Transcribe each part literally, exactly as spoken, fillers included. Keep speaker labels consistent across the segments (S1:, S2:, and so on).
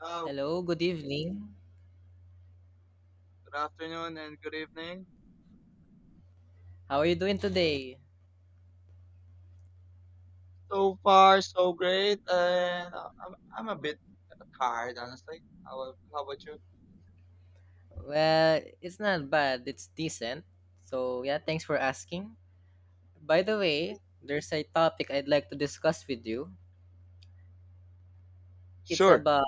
S1: Oh,
S2: Hello, good evening.
S1: good afternoon and good evening.
S2: How are you doing today?
S1: So far, so great, and uh, I'm I'm a bit tired, honestly. How a- how about you?
S2: Well, it's not bad, it's decent. So, yeah, thanks for asking. By the way, there's a topic I'd like to discuss with you. It's
S1: Sure.
S2: about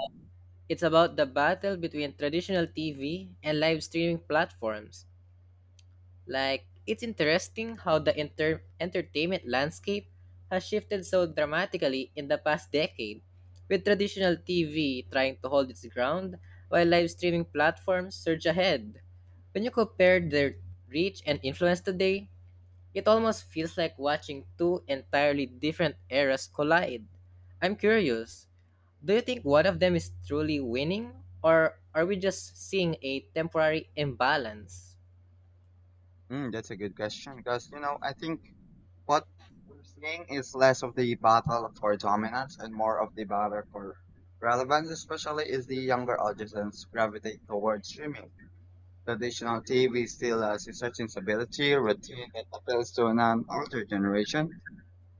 S2: it's about the battle between traditional T V and live streaming platforms. Like, it's interesting how the enter- entertainment landscape has shifted so dramatically in the past decade, with traditional T V trying to hold its ground while live streaming platforms surge ahead. When you compare their reach and influence today, it almost feels like watching two entirely different eras collide. I'm curious, do you think one of them is truly winning, or are we just seeing a temporary imbalance?
S1: Mm, that's a good question because, you know, I think what we're seeing is less of the battle for dominance and more of the battle for relevance, especially as the younger audiences gravitate towards streaming. Traditional T V still has a certain stability, routine that appeals to an older generation,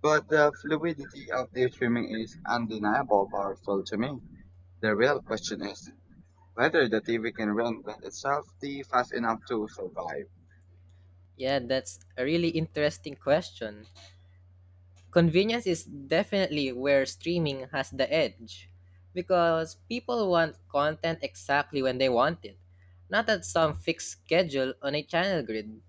S1: but the fluidity of their streaming is undeniable powerful to me. The real question is whether the T V can reinvent itself the fast enough to survive.
S2: Yeah, that's a really interesting question. Convenience is definitely where streaming has the edge because people want content exactly when they want it, not at some fixed schedule on a channel grid.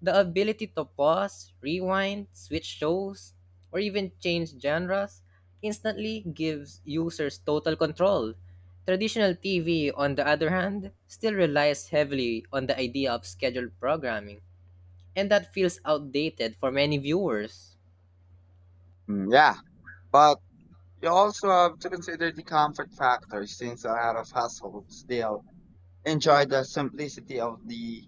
S2: The ability to pause, rewind, switch shows, or even change genres instantly gives users total control. Traditional T V, on the other hand, still relies heavily on the idea of scheduled programming, and that feels outdated for many viewers.
S1: Mm, yeah, but you also have to consider the comfort factor since a lot of households still enjoy the simplicity of the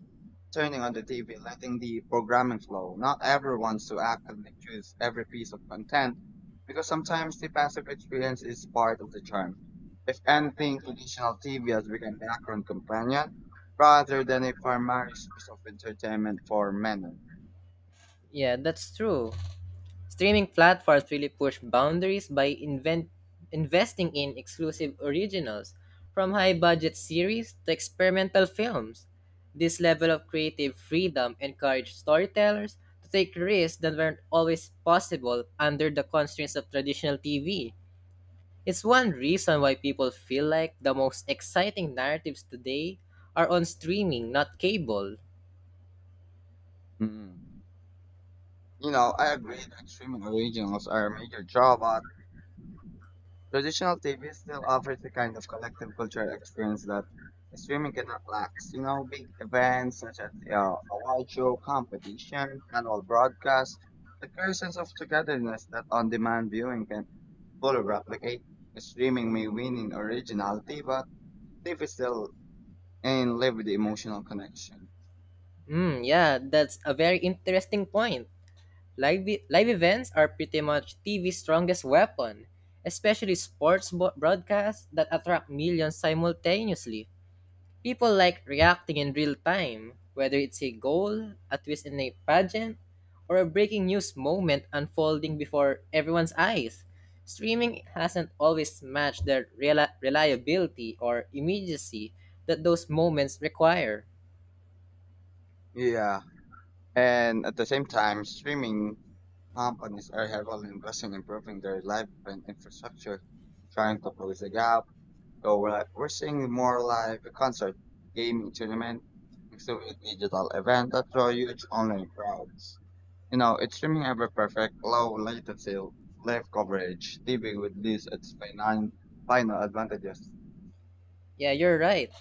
S1: turning on the T V, letting the programming flow. Not everyone's to actively choose every piece of content because sometimes the passive experience is part of the charm. If anything, traditional T V has become background companion rather than a primary source of entertainment for many.
S2: Yeah, that's true. Streaming platforms really push boundaries by invent- investing in exclusive originals, from high budget series to experimental films. This level of creative freedom encouraged storytellers to take risks that weren't always possible under the constraints of traditional T V. It's one reason why people feel like the most exciting narratives today are on streaming, not cable.
S1: Mm. You know, I agree that streaming originals are a major drawback. Traditional T V still offers a kind of collective cultural experience that streaming cannot lack. You know, big events such as uh, a wide show, competition, annual broadcast, the creates sense of togetherness that on-demand viewing can fully replicate. Streaming may win in originality, but T V still and live with the emotional connection.
S2: Mm, yeah, that's a very interesting point. Live, e- live events are pretty much T V's strongest weapon, especially sports bo- broadcasts that attract millions simultaneously. People like reacting in real time, whether it's a goal, a twist in a pageant, or a breaking news moment unfolding before everyone's eyes. Streaming hasn't always matched the rela- reliability or immediacy that those moments require.
S1: Yeah, and at the same time, streaming companies are heavily investing in improving their live event infrastructure, trying to close the gap. So go live. We're seeing more live concert, gaming tournament, mixed with digital event that draw huge online crowds. You know, it's streaming ever perfect, low latency, live coverage. T V would lose its final, final advantages.
S2: Yeah, you're right.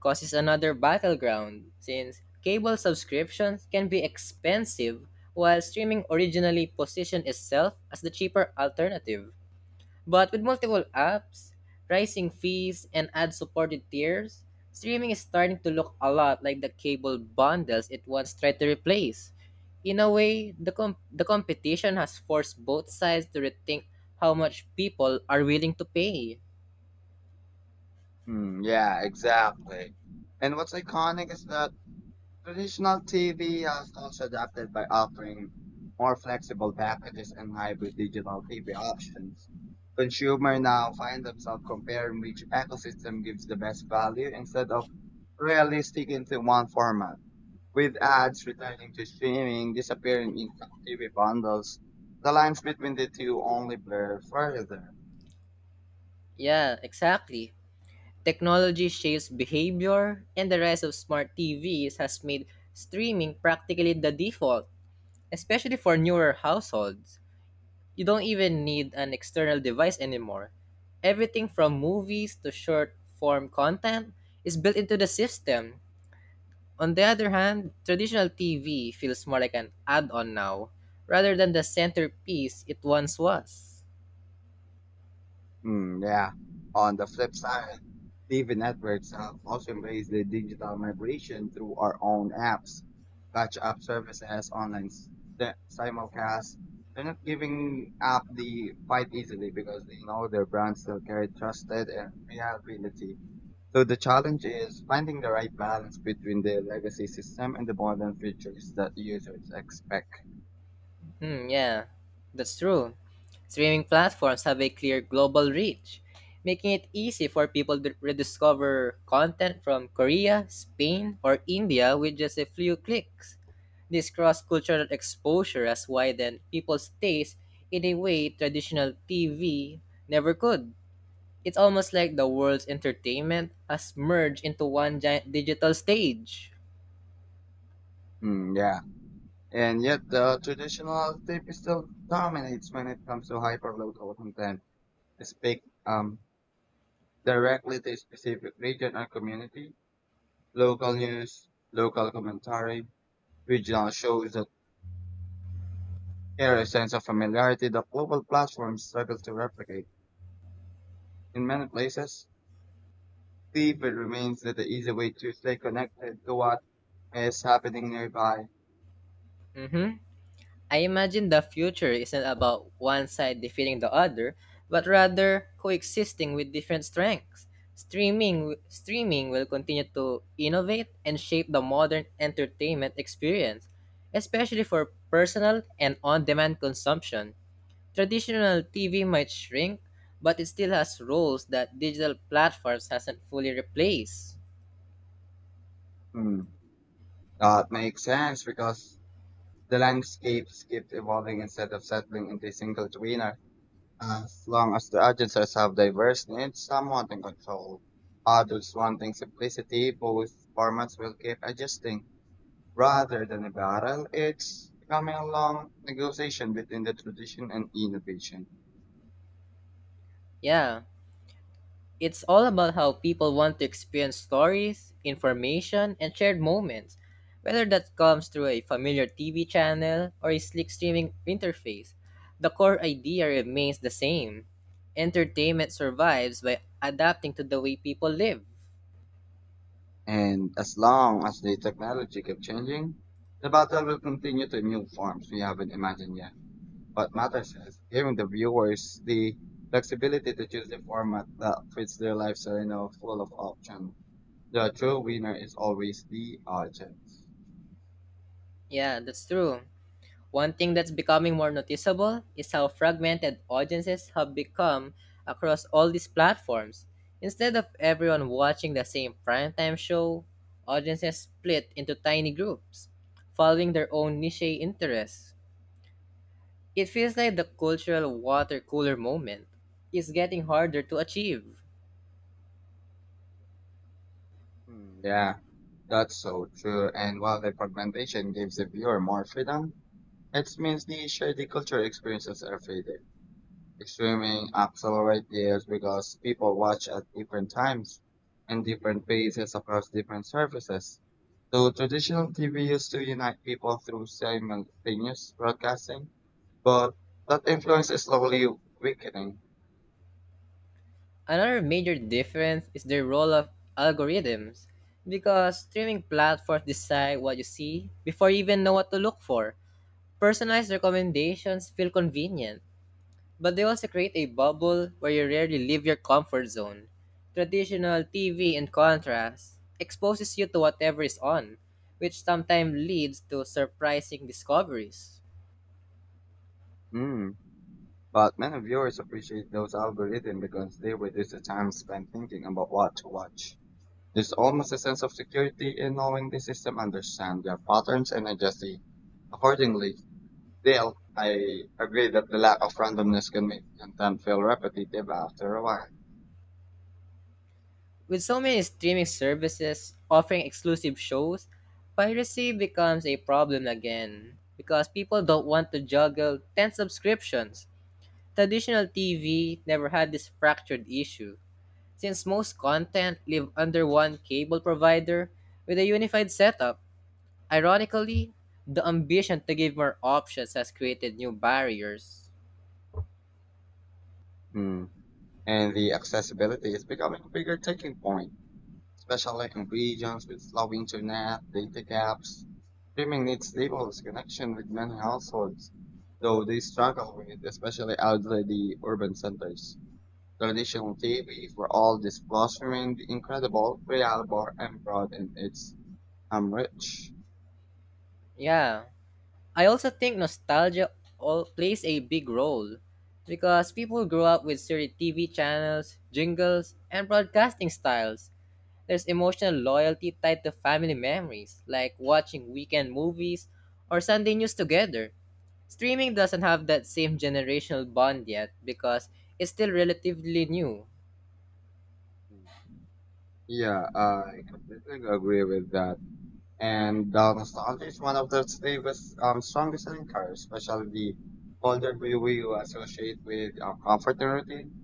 S2: Causes another battleground, since cable subscriptions can be expensive while streaming originally positioned itself as the cheaper alternative. But with multiple apps, rising fees, and ad supported tiers, streaming is starting to look a lot like the cable bundles it once tried to replace. In a way, the, com- the competition has forced both sides to rethink how much people are willing to pay.
S1: Hmm, yeah, exactly. And what's iconic is that traditional T V has also adapted by offering more flexible packages and hybrid digital T V options. Consumers now find themselves comparing which ecosystem gives the best value instead of really sticking to one format. With ads returning to streaming, disappearing in T V bundles, the lines between the two only blur further.
S2: Yeah, exactly. Technology shapes behavior, and the rise of smart T Vs has made streaming practically the default, especially for newer households. You don't even need an external device anymore. Everything from movies to short form content is built into the system. On the other hand, traditional T V feels more like an add on now, rather than the centerpiece it once was.
S1: Mm, yeah. On the flip side, T V networks have also embraced the digital migration through our own apps, catch up services, online s- the- simulcasts. They're not giving up the fight easily because they know their brands still carry trusted and reliability. So the challenge is finding the right balance between the legacy system and the modern features that users expect.
S2: Hmm, yeah, that's true. Streaming platforms have a clear global reach, making it easy for people to rediscover content from Korea, Spain, or India with just a few clicks. This cross cultural exposure has widened people's taste in a way traditional T V never could. It's almost like the world's entertainment has merged into one giant digital stage.
S1: Mm, yeah. And yet the traditional tape still dominates when it comes to hyperlocal content. Speak um, directly to a specific region or community, local news, local commentary, regional shows that carry a sense of familiarity that global platforms struggle to replicate. In many places, T V remains the easy way to stay connected to what is happening nearby.
S2: Mm hmm. I imagine the future isn't about one side defeating the other, but rather coexisting with different strengths. Streaming streaming will continue to innovate and shape the modern entertainment experience, especially for personal and on-demand consumption. Traditional T V might shrink, but it still has roles that digital platforms hasn't fully replaced.
S1: Hmm. That makes sense because the landscapes keep evolving instead of settling into a single tweener. As long as the agencies have diverse needs, some want in control. Adults wanting simplicity, both formats will keep adjusting. Rather than a battle, it's becoming a long negotiation between the tradition and innovation.
S2: Yeah. It's all about how people want to experience stories, information, and shared moments, whether that comes through a familiar T V channel or a slick streaming interface. The core idea remains the same. Entertainment survives by adapting to the way people live.
S1: And as long as the technology keeps changing, the battle will continue to new forms we haven't imagined yet. What matters is giving the viewers the flexibility to choose the format that fits their lifestyle and are full of options. The true winner is always the audience.
S2: Yeah, that's true. One thing that's becoming more noticeable is how fragmented audiences have become across all these platforms. Instead of everyone watching the same primetime show, audiences split into tiny groups, following their own niche interests. It feels like the cultural water cooler moment is getting harder to achieve.
S1: Hmm, yeah, that's so true. And while the fragmentation gives the viewer more freedom, it means they share the cultural experiences every day. Streaming accelerates this because people watch at different times and different paces across different services. So traditional T V used to unite people through simultaneous broadcasting, but that influence is slowly weakening.
S2: Another major difference is the role of algorithms, because streaming platforms decide what you see before you even know what to look for. Personalized recommendations feel convenient, but they also create a bubble where you rarely leave your comfort zone. Traditional T V, in contrast, exposes you to whatever is on, which sometimes leads to surprising discoveries.
S1: Hmm. But many viewers appreciate those algorithms because they reduce the time spent thinking about what to watch. There's almost a sense of security in knowing the system understands their patterns and adjusts accordingly. Dale, I agree that the lack of randomness can make content feel repetitive after a while.
S2: With so many streaming services offering exclusive shows, piracy becomes a problem again because people don't want to juggle ten subscriptions. Traditional T V never had this fractured issue. Since most content live under one cable provider with a unified setup, ironically, the ambition to give more options has created new barriers.
S1: Mm. And the accessibility is becoming a bigger taking point, especially in regions with slow internet, data gaps. Streaming needs stable connection with many households, though they struggle with it, especially outside the urban centers. Traditional T V for all this plus remained incredible, reliable, and broad in its um, reach.
S2: Yeah. I also think nostalgia all plays a big role because people grew up with certain T V channels, jingles, and broadcasting styles. There's emotional loyalty tied to family memories, like watching weekend movies or Sunday news together. Streaming doesn't have that same generational bond yet because it's still relatively new.
S1: Yeah, I completely agree with that. And the nostalgia is one of the strongest, um, strongest linkers, especially the older view we will associate with uh, comfort and routine.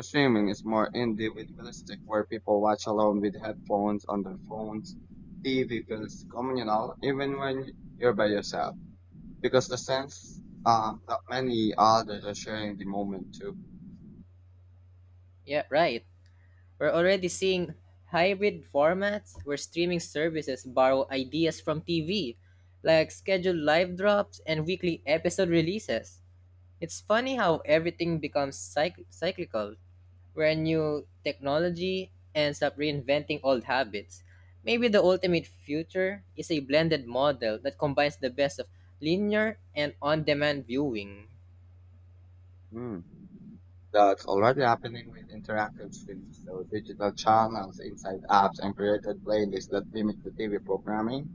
S1: Streaming is more individualistic, where people watch alone with headphones on their phones. T V feels communal, even when you're by yourself, because the sense um, that many others are sharing the moment too.
S2: Yeah, right. We're already seeing hybrid formats where streaming services borrow ideas from T V, like scheduled live drops and weekly episode releases. It's funny how everything becomes cyc- cyclical, where new technology ends up reinventing old habits. Maybe the ultimate future is a blended model that combines the best of linear and on demand viewing.
S1: That's already happening with interactive streams, so digital channels inside apps and created playlists that limit the T V programming.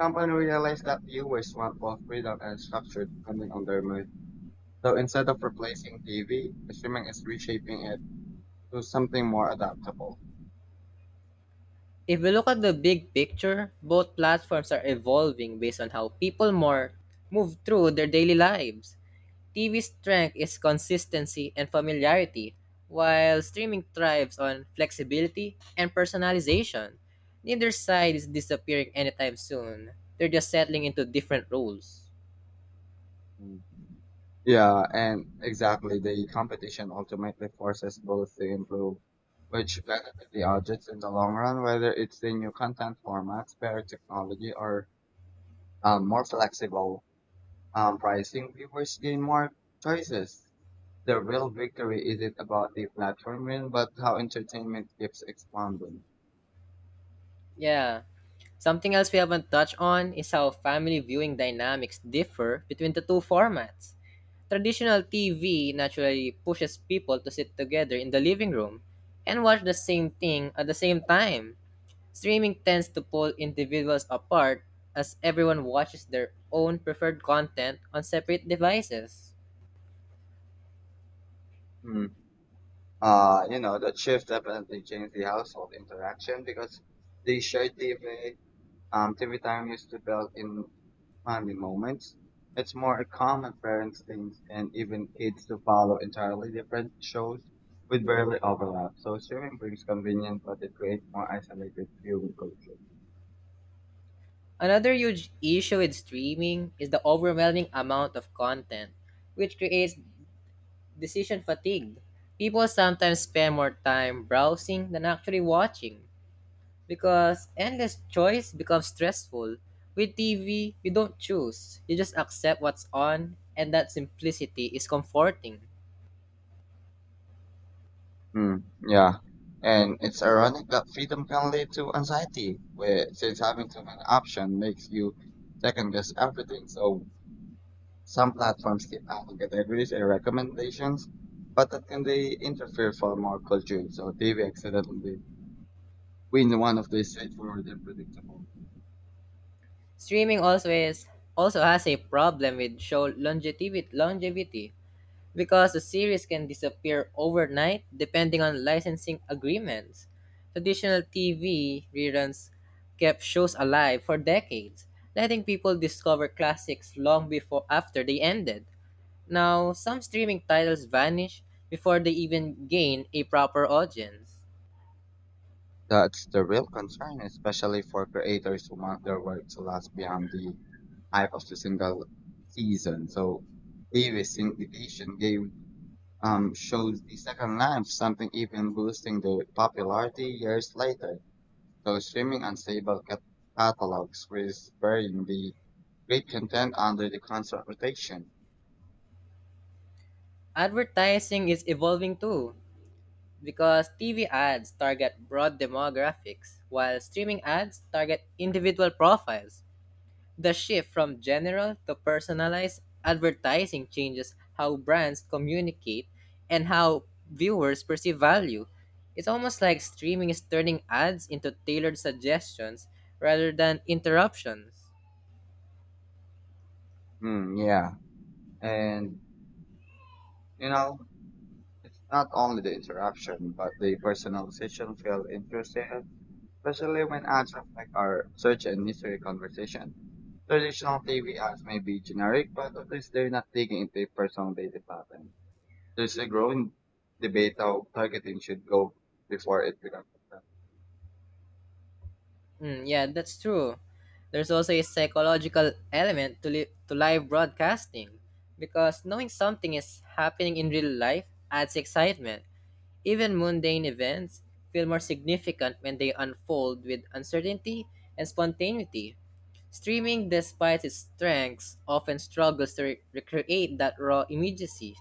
S1: Company realized that viewers want both freedom and structure depending on their mood. So instead of replacing T V, streaming is reshaping it to something more adaptable.
S2: If we look at the big picture, both platforms are evolving based on how people more move through their daily lives. T V's strength is consistency and familiarity, while streaming thrives on flexibility and personalization. Neither side is disappearing anytime soon. They're just settling into different roles.
S1: Mm. Yeah, and exactly, the competition ultimately forces both to improve, which benefit the audience in the long run, whether it's the new content formats, better technology, or um, more flexible um, pricing, viewers gain more choices. The real victory isn't about the platform win, but how entertainment keeps expanding.
S2: Yeah. Something else we haven't touched on is how family viewing dynamics differ between the two formats. Traditional T V naturally pushes people to sit together in the living room and watch the same thing at the same time. Streaming tends to pull individuals apart as everyone watches their own preferred content on separate devices.
S1: Hmm. Uh, you know, that shift definitely changed the household interaction because the shared T V, um, T V time used to build in family moments. It's more a common parents things and even kids to follow entirely different shows with barely overlap. So streaming brings convenience, but it creates more isolated viewing culture.
S2: Another huge issue with streaming is the overwhelming amount of content, which creates decision fatigue. People sometimes spend more time browsing than actually watching because endless choice becomes stressful. With T V, you don't choose, you just accept what's on, and that simplicity is comforting.
S1: Mm, yeah. And it's ironic that freedom can lead to anxiety, where since having too many options makes you second guess everything. So some platforms keep adding categories and recommendations, but that can they interfere for more culture. So T V accidentally win one of these straightforward and predictable.
S2: Streaming also is also has a problem with show longevity longevity because the series can disappear overnight depending on licensing agreements. Traditional T V reruns kept shows alive for decades, letting people discover classics long before after they ended. Now, some streaming titles vanish before they even gain a proper audience.
S1: That's the real concern, especially for creators who want their work to last beyond the hype of the single season. So T V syndication gave um, shows the second lamp, something even boosting the popularity years later. So streaming unstable cat- catalogs was burying the great content under the constant rotation.
S2: Advertising is evolving too. Because T V ads target broad demographics, while streaming ads target individual profiles. The shift from general to personalized advertising changes how brands communicate and how viewers perceive value. It's almost like streaming is turning ads into tailored suggestions rather than interruptions.
S1: Hmm, yeah. And, you know, it's not only the interruption, but the personalization feel intrusive, especially when ads affect our search and history conversation. Traditional T V ads may be generic, but at least they're not digging into personal data patterns. There's a growing debate how targeting should go before it becomes. Effective.
S2: Mm, yeah, that's true. There's also a psychological element to, li- to live broadcasting because knowing something is happening in real life adds excitement. Even mundane events feel more significant when they unfold with uncertainty and spontaneity. Streaming, despite its strengths, often struggles to re- recreate that raw immediacy.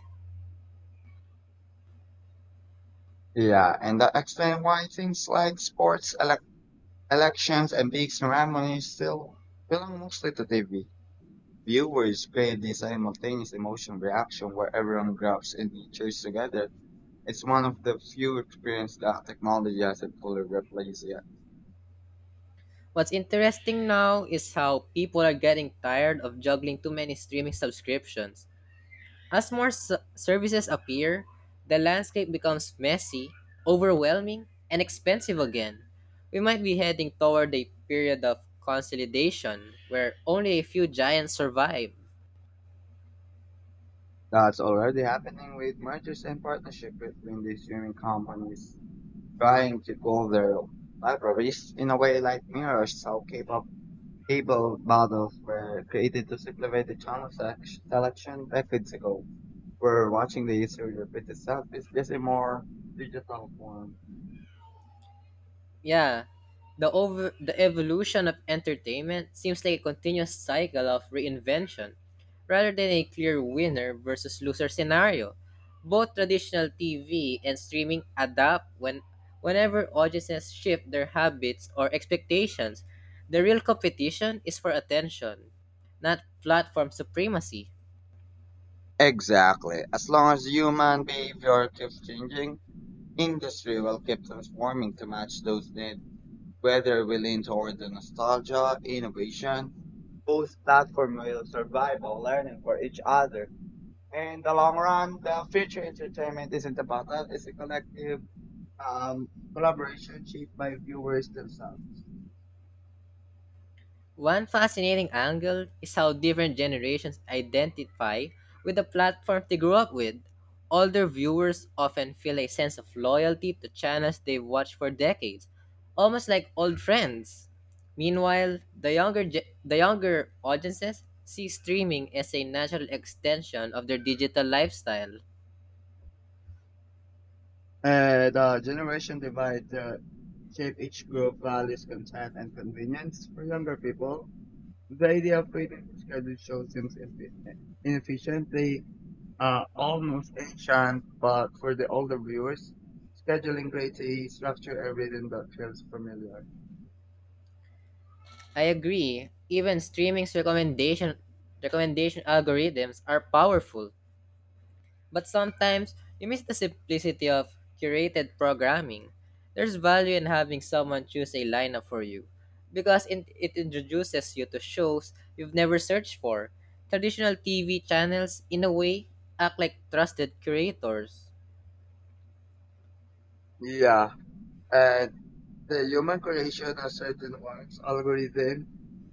S1: Yeah, and that explains why things like sports, elec elections, and big ceremonies still belong mostly to T V. Viewers crave this simultaneous emotion reaction where everyone grabs and cheers together. It's one of the few experiences that technology hasn't fully replaced yet.
S2: What's interesting now is how people are getting tired of juggling too many streaming subscriptions. As more s- services appear, the landscape becomes messy, overwhelming, and expensive again. We might be heading toward a period of consolidation where only a few giants survive.
S1: That's already happening with mergers and partnership between these streaming companies. Trying to cover libraries in a way like mirrors how K-pop cable models were created to simplify the channel sec- selection decades ago. Where watching the history repeat itself is just a more digital form.
S2: Yeah, the over the evolution of entertainment seems like a continuous cycle of reinvention, rather than a clear winner versus loser scenario. Both traditional T V and streaming adapt when whenever audiences shift their habits or expectations. The real competition is for attention, not platform supremacy.
S1: Exactly. As long as human behavior keeps changing, industry will keep transforming to match those needs. Whether we lean toward the nostalgia, innovation, both platform will survive while learning for each other. In the long run, the future entertainment isn't a battle, it's a collective um, collaboration shaped by viewers themselves.
S2: One fascinating angle is how different generations identify with the platform they grew up with. Older viewers often feel a sense of loyalty to channels they've watched for decades, almost like old friends. Meanwhile, the younger ge- the younger audiences see streaming as a natural extension of their digital lifestyle.
S1: Uh, the generation divide uh, shape each group values content and convenience for younger people. The idea of creating scheduled shows seems ineffi- inefficient. They uh, almost ancient, but for the older viewers, scheduling creates a structure everything that feels familiar.
S2: I agree. Even streaming's recommendation recommendation algorithms are powerful. But sometimes you miss the simplicity of curated programming. There's value in having someone choose a lineup for you because it, it introduces you to shows you've never searched for. Traditional T V channels, in a way, act like trusted curators.
S1: Yeah, and the human creation of certain ones algorithm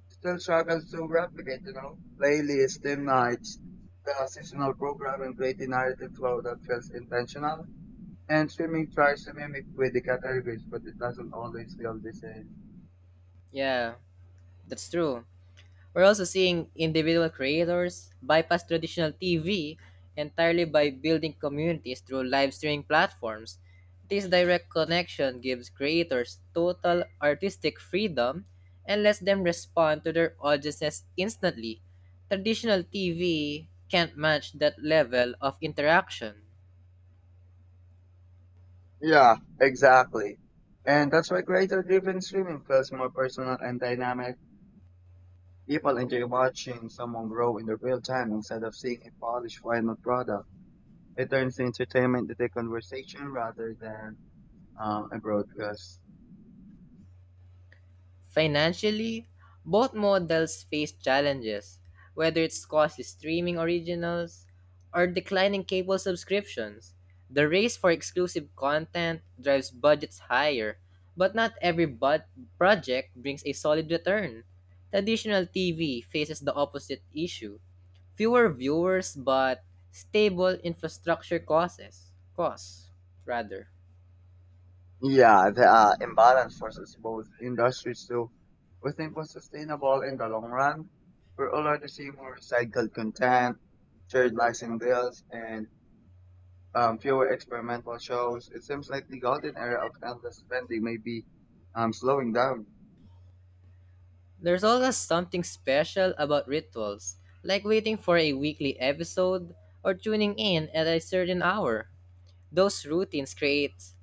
S1: still struggles to replicate, you know, playlists, theme nights, the seasonal program and create a narrative flow that feels intentional. And streaming tries to mimic with the categories, but it doesn't always feel the same.
S2: Yeah, that's true. We're also seeing individual creators bypass traditional T V entirely by building communities through live streaming platforms. This direct connection gives creators total artistic freedom and lets them respond to their audiences instantly. Traditional T V can't match that level of interaction.
S1: Yeah, exactly. And that's why creator driven streaming feels more personal and dynamic. People enjoy watching someone grow in the real time instead of seeing a polished final product. It turns entertainment into a conversation rather than um, abroad because
S2: Financially, both models face challenges, whether it's cost is streaming originals or declining cable subscriptions. The race for exclusive content drives budgets higher, but not every bud- project brings a solid return. Traditional T V faces the opposite issue, fewer viewers but stable infrastructure causes costs rather
S1: yeah, the uh, imbalance forces both industries to rethink what's sustainable in the long run. We're already seeing more recycled content, shared licensing deals, and um, fewer experimental shows. It seems like the golden era of endless spending may be um, slowing down.
S2: There's always something special about rituals, like waiting for a weekly episode or tuning in at a certain hour. Those routines create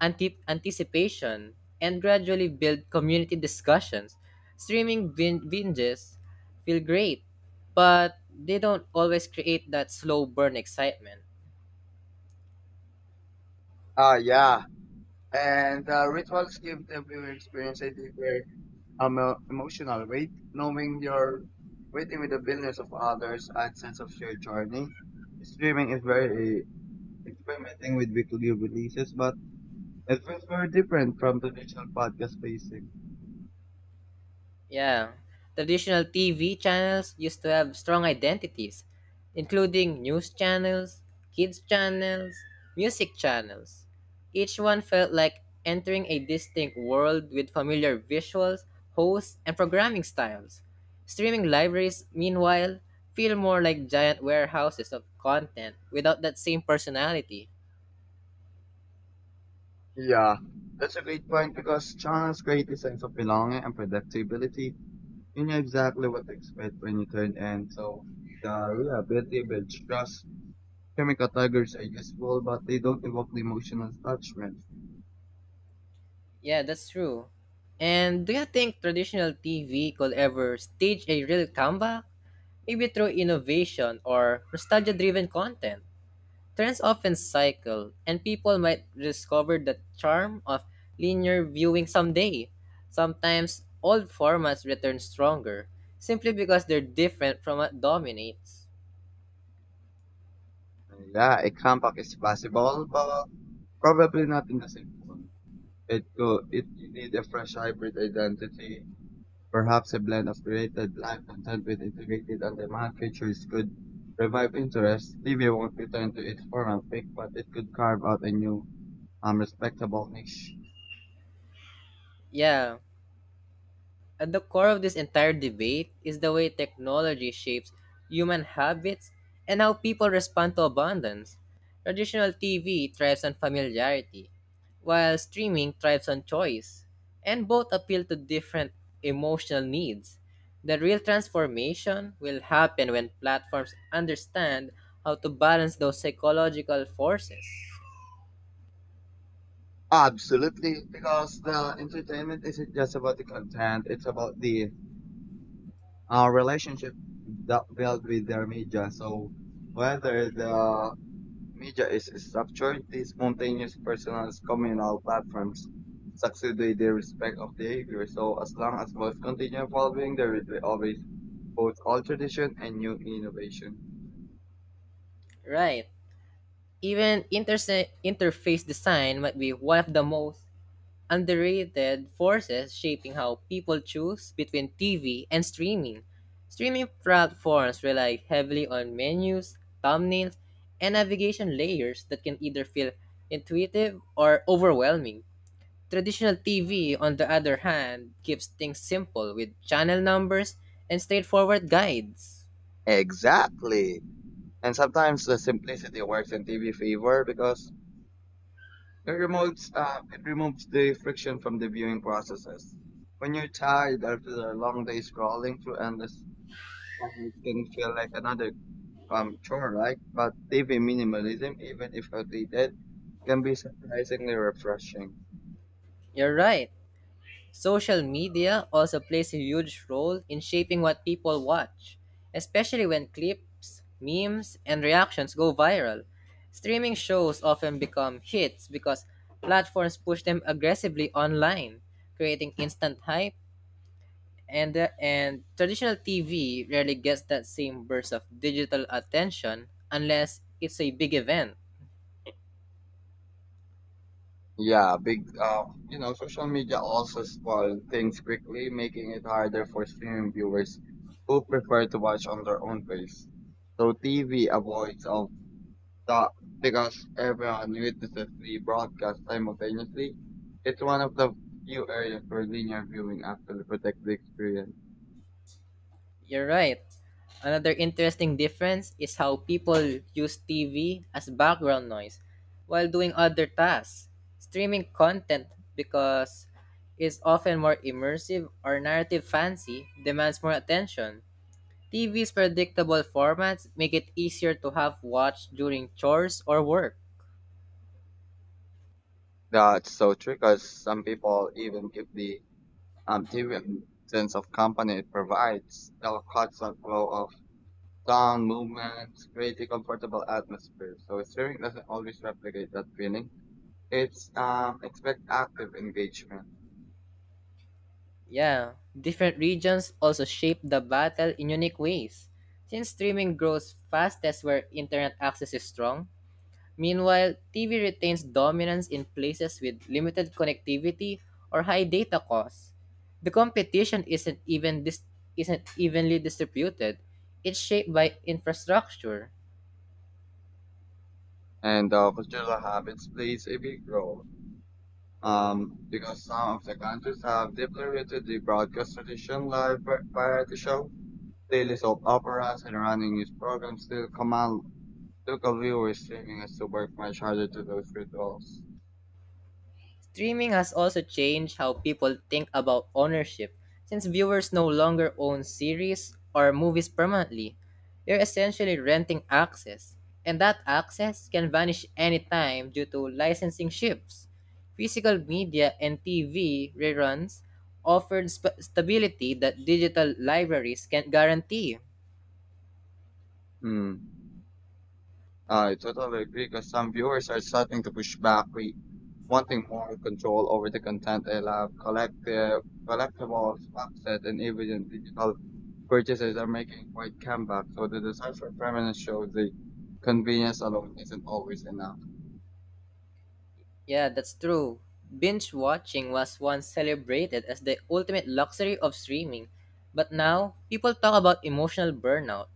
S2: anti- anticipation and gradually build community discussions. Streaming bin- binges feel great, but they don't always create that slow burn excitement.
S1: Ah, yeah. And uh, rituals give the viewer experience a deeper emo- emotional weight, knowing you're waiting with the billions of others, and sense of shared journey. Streaming is very experimenting with weekly releases, but it feels very different from traditional podcast spacing.
S2: Yeah. Traditional T V channels used to have strong identities, including news channels, kids channels, music channels. Each one felt like entering a distinct world with familiar visuals, hosts, and programming styles. Streaming libraries, meanwhile, feel more like giant warehouses of content without that same personality.
S1: Yeah, that's a great point because channels create a sense of belonging and predictability. You know exactly what to expect when you turn in, so the reliability builds trust. Chemical tigers are useful, but they don't evoke the emotional attachment.
S2: Yeah, that's true. And do you think traditional T V could ever stage a real comeback? Maybe through innovation or nostalgia driven content. Trends often cycle, and people might discover the charm of linear viewing someday. Sometimes old formats return stronger, simply because they're different from what dominates.
S1: Yeah, a comeback is possible, but probably not in the same form. It could it need a fresh hybrid identity. Perhaps a blend of created live content with integrated on-demand features could revive interest. T V won't return to its former peak, but it could carve out a new, um, respectable niche.
S2: Yeah, At the core of this entire debate is the way technology shapes human habits and how people respond to abundance. Traditional T V thrives on familiarity, while streaming thrives on choice, and both appeal to different emotional needs. The real transformation will happen when platforms understand how to balance those psychological forces.
S1: Absolutely, because the entertainment isn't just about the content; it's about the uh, relationship that built with their media. So whether the media is structured. These spontaneous personal communal platforms succeed with the respect of behavior. So as long as both continue evolving, there will be always both old tradition and new innovation.
S2: Right. Even interse- interface design might be one of the most underrated forces shaping how people choose between T V and streaming. Streaming platforms rely heavily on menus, thumbnails, and navigation layers that can either feel intuitive or overwhelming. Traditional T V, on the other hand, keeps things simple with channel numbers and straightforward guides.
S1: Exactly. And sometimes the simplicity works in T V favor because it removes uh, it removes the friction from the viewing processes. When you're tired after a long day scrolling through endless tabs, it can feel like another um, genre-like, but T V minimalism, even if outdated, can be surprisingly refreshing.
S2: You're right. Social media also plays a huge role in shaping what people watch, especially when clips, memes, and reactions go viral. Streaming shows often become hits because platforms push them aggressively online, creating instant hype, and, and traditional T V rarely gets that same burst of digital attention unless it's a big event.
S1: Yeah, big, uh, you know, social media also spoil things quickly, making it harder for streaming viewers who prefer to watch on their own pace. So T V avoids of that because everyone witnesses the broadcast simultaneously. It's one of the few areas where linear viewing actually protects the experience.
S2: You're right. Another interesting difference is how people use T V as background noise while doing other tasks. Streaming content, because it's often more immersive or narrative fancy, demands more attention. T V's predictable formats make it easier to have watched during chores or work.
S1: That's so true because some people even keep the um, dividends of company provides the cultural flow of sound movements, creating comfortable atmosphere. So sharing doesn't always replicate that feeling. It's um, expect active engagement
S2: Yeah, different regions also shape the battle in unique ways. Since streaming grows fastest where internet access is strong, meanwhile, T V retains dominance in places with limited connectivity or high data costs. The competition isn't even dis- isn't evenly distributed. It's shaped by infrastructure.
S1: and uh, cultural habits plays a big role. Um, because some of the countries have deeply rooted the broadcast tradition, live va- variety show, daily soap operas, and running news programs still command local viewers, streaming as to work much harder to those rituals.
S2: Streaming has also changed how people think about ownership, since viewers no longer own series or movies permanently. You're essentially renting access, and that access can vanish anytime due to licensing shifts. Physical media and T V reruns offered sp- stability that digital libraries can't guarantee.
S1: Hmm. I totally agree because some viewers are starting to push back with wanting more control over the content they love. Collective, collectibles, box set, and even in digital purchases are making quite comeback. So the desire for permanence shows the convenience alone isn't always enough.
S2: Yeah, that's true. Binge watching was once celebrated as the ultimate luxury of streaming, but now people talk about emotional burnout.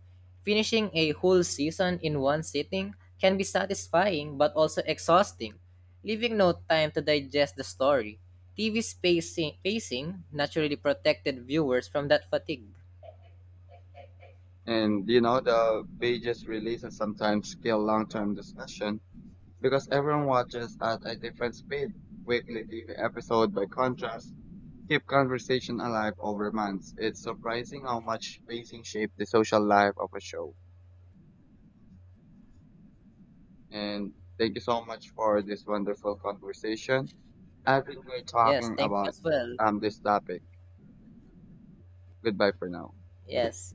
S2: Finishing a whole season in one sitting can be satisfying but also exhausting, leaving no time to digest the story. T V spacing, pacing naturally protected viewers from that fatigue.
S1: And you know, the pages releases sometimes kill long-term discussion because everyone watches at a different speed. Weekly T V episode, by contrast, keep conversation alive over months. It's surprising how much pacing shapes the social life of a show. And thank you so much for this wonderful conversation. I've enjoyed
S2: Yes,
S1: talking
S2: thank you
S1: about
S2: as well.
S1: um this topic. Goodbye for now.
S2: Yes.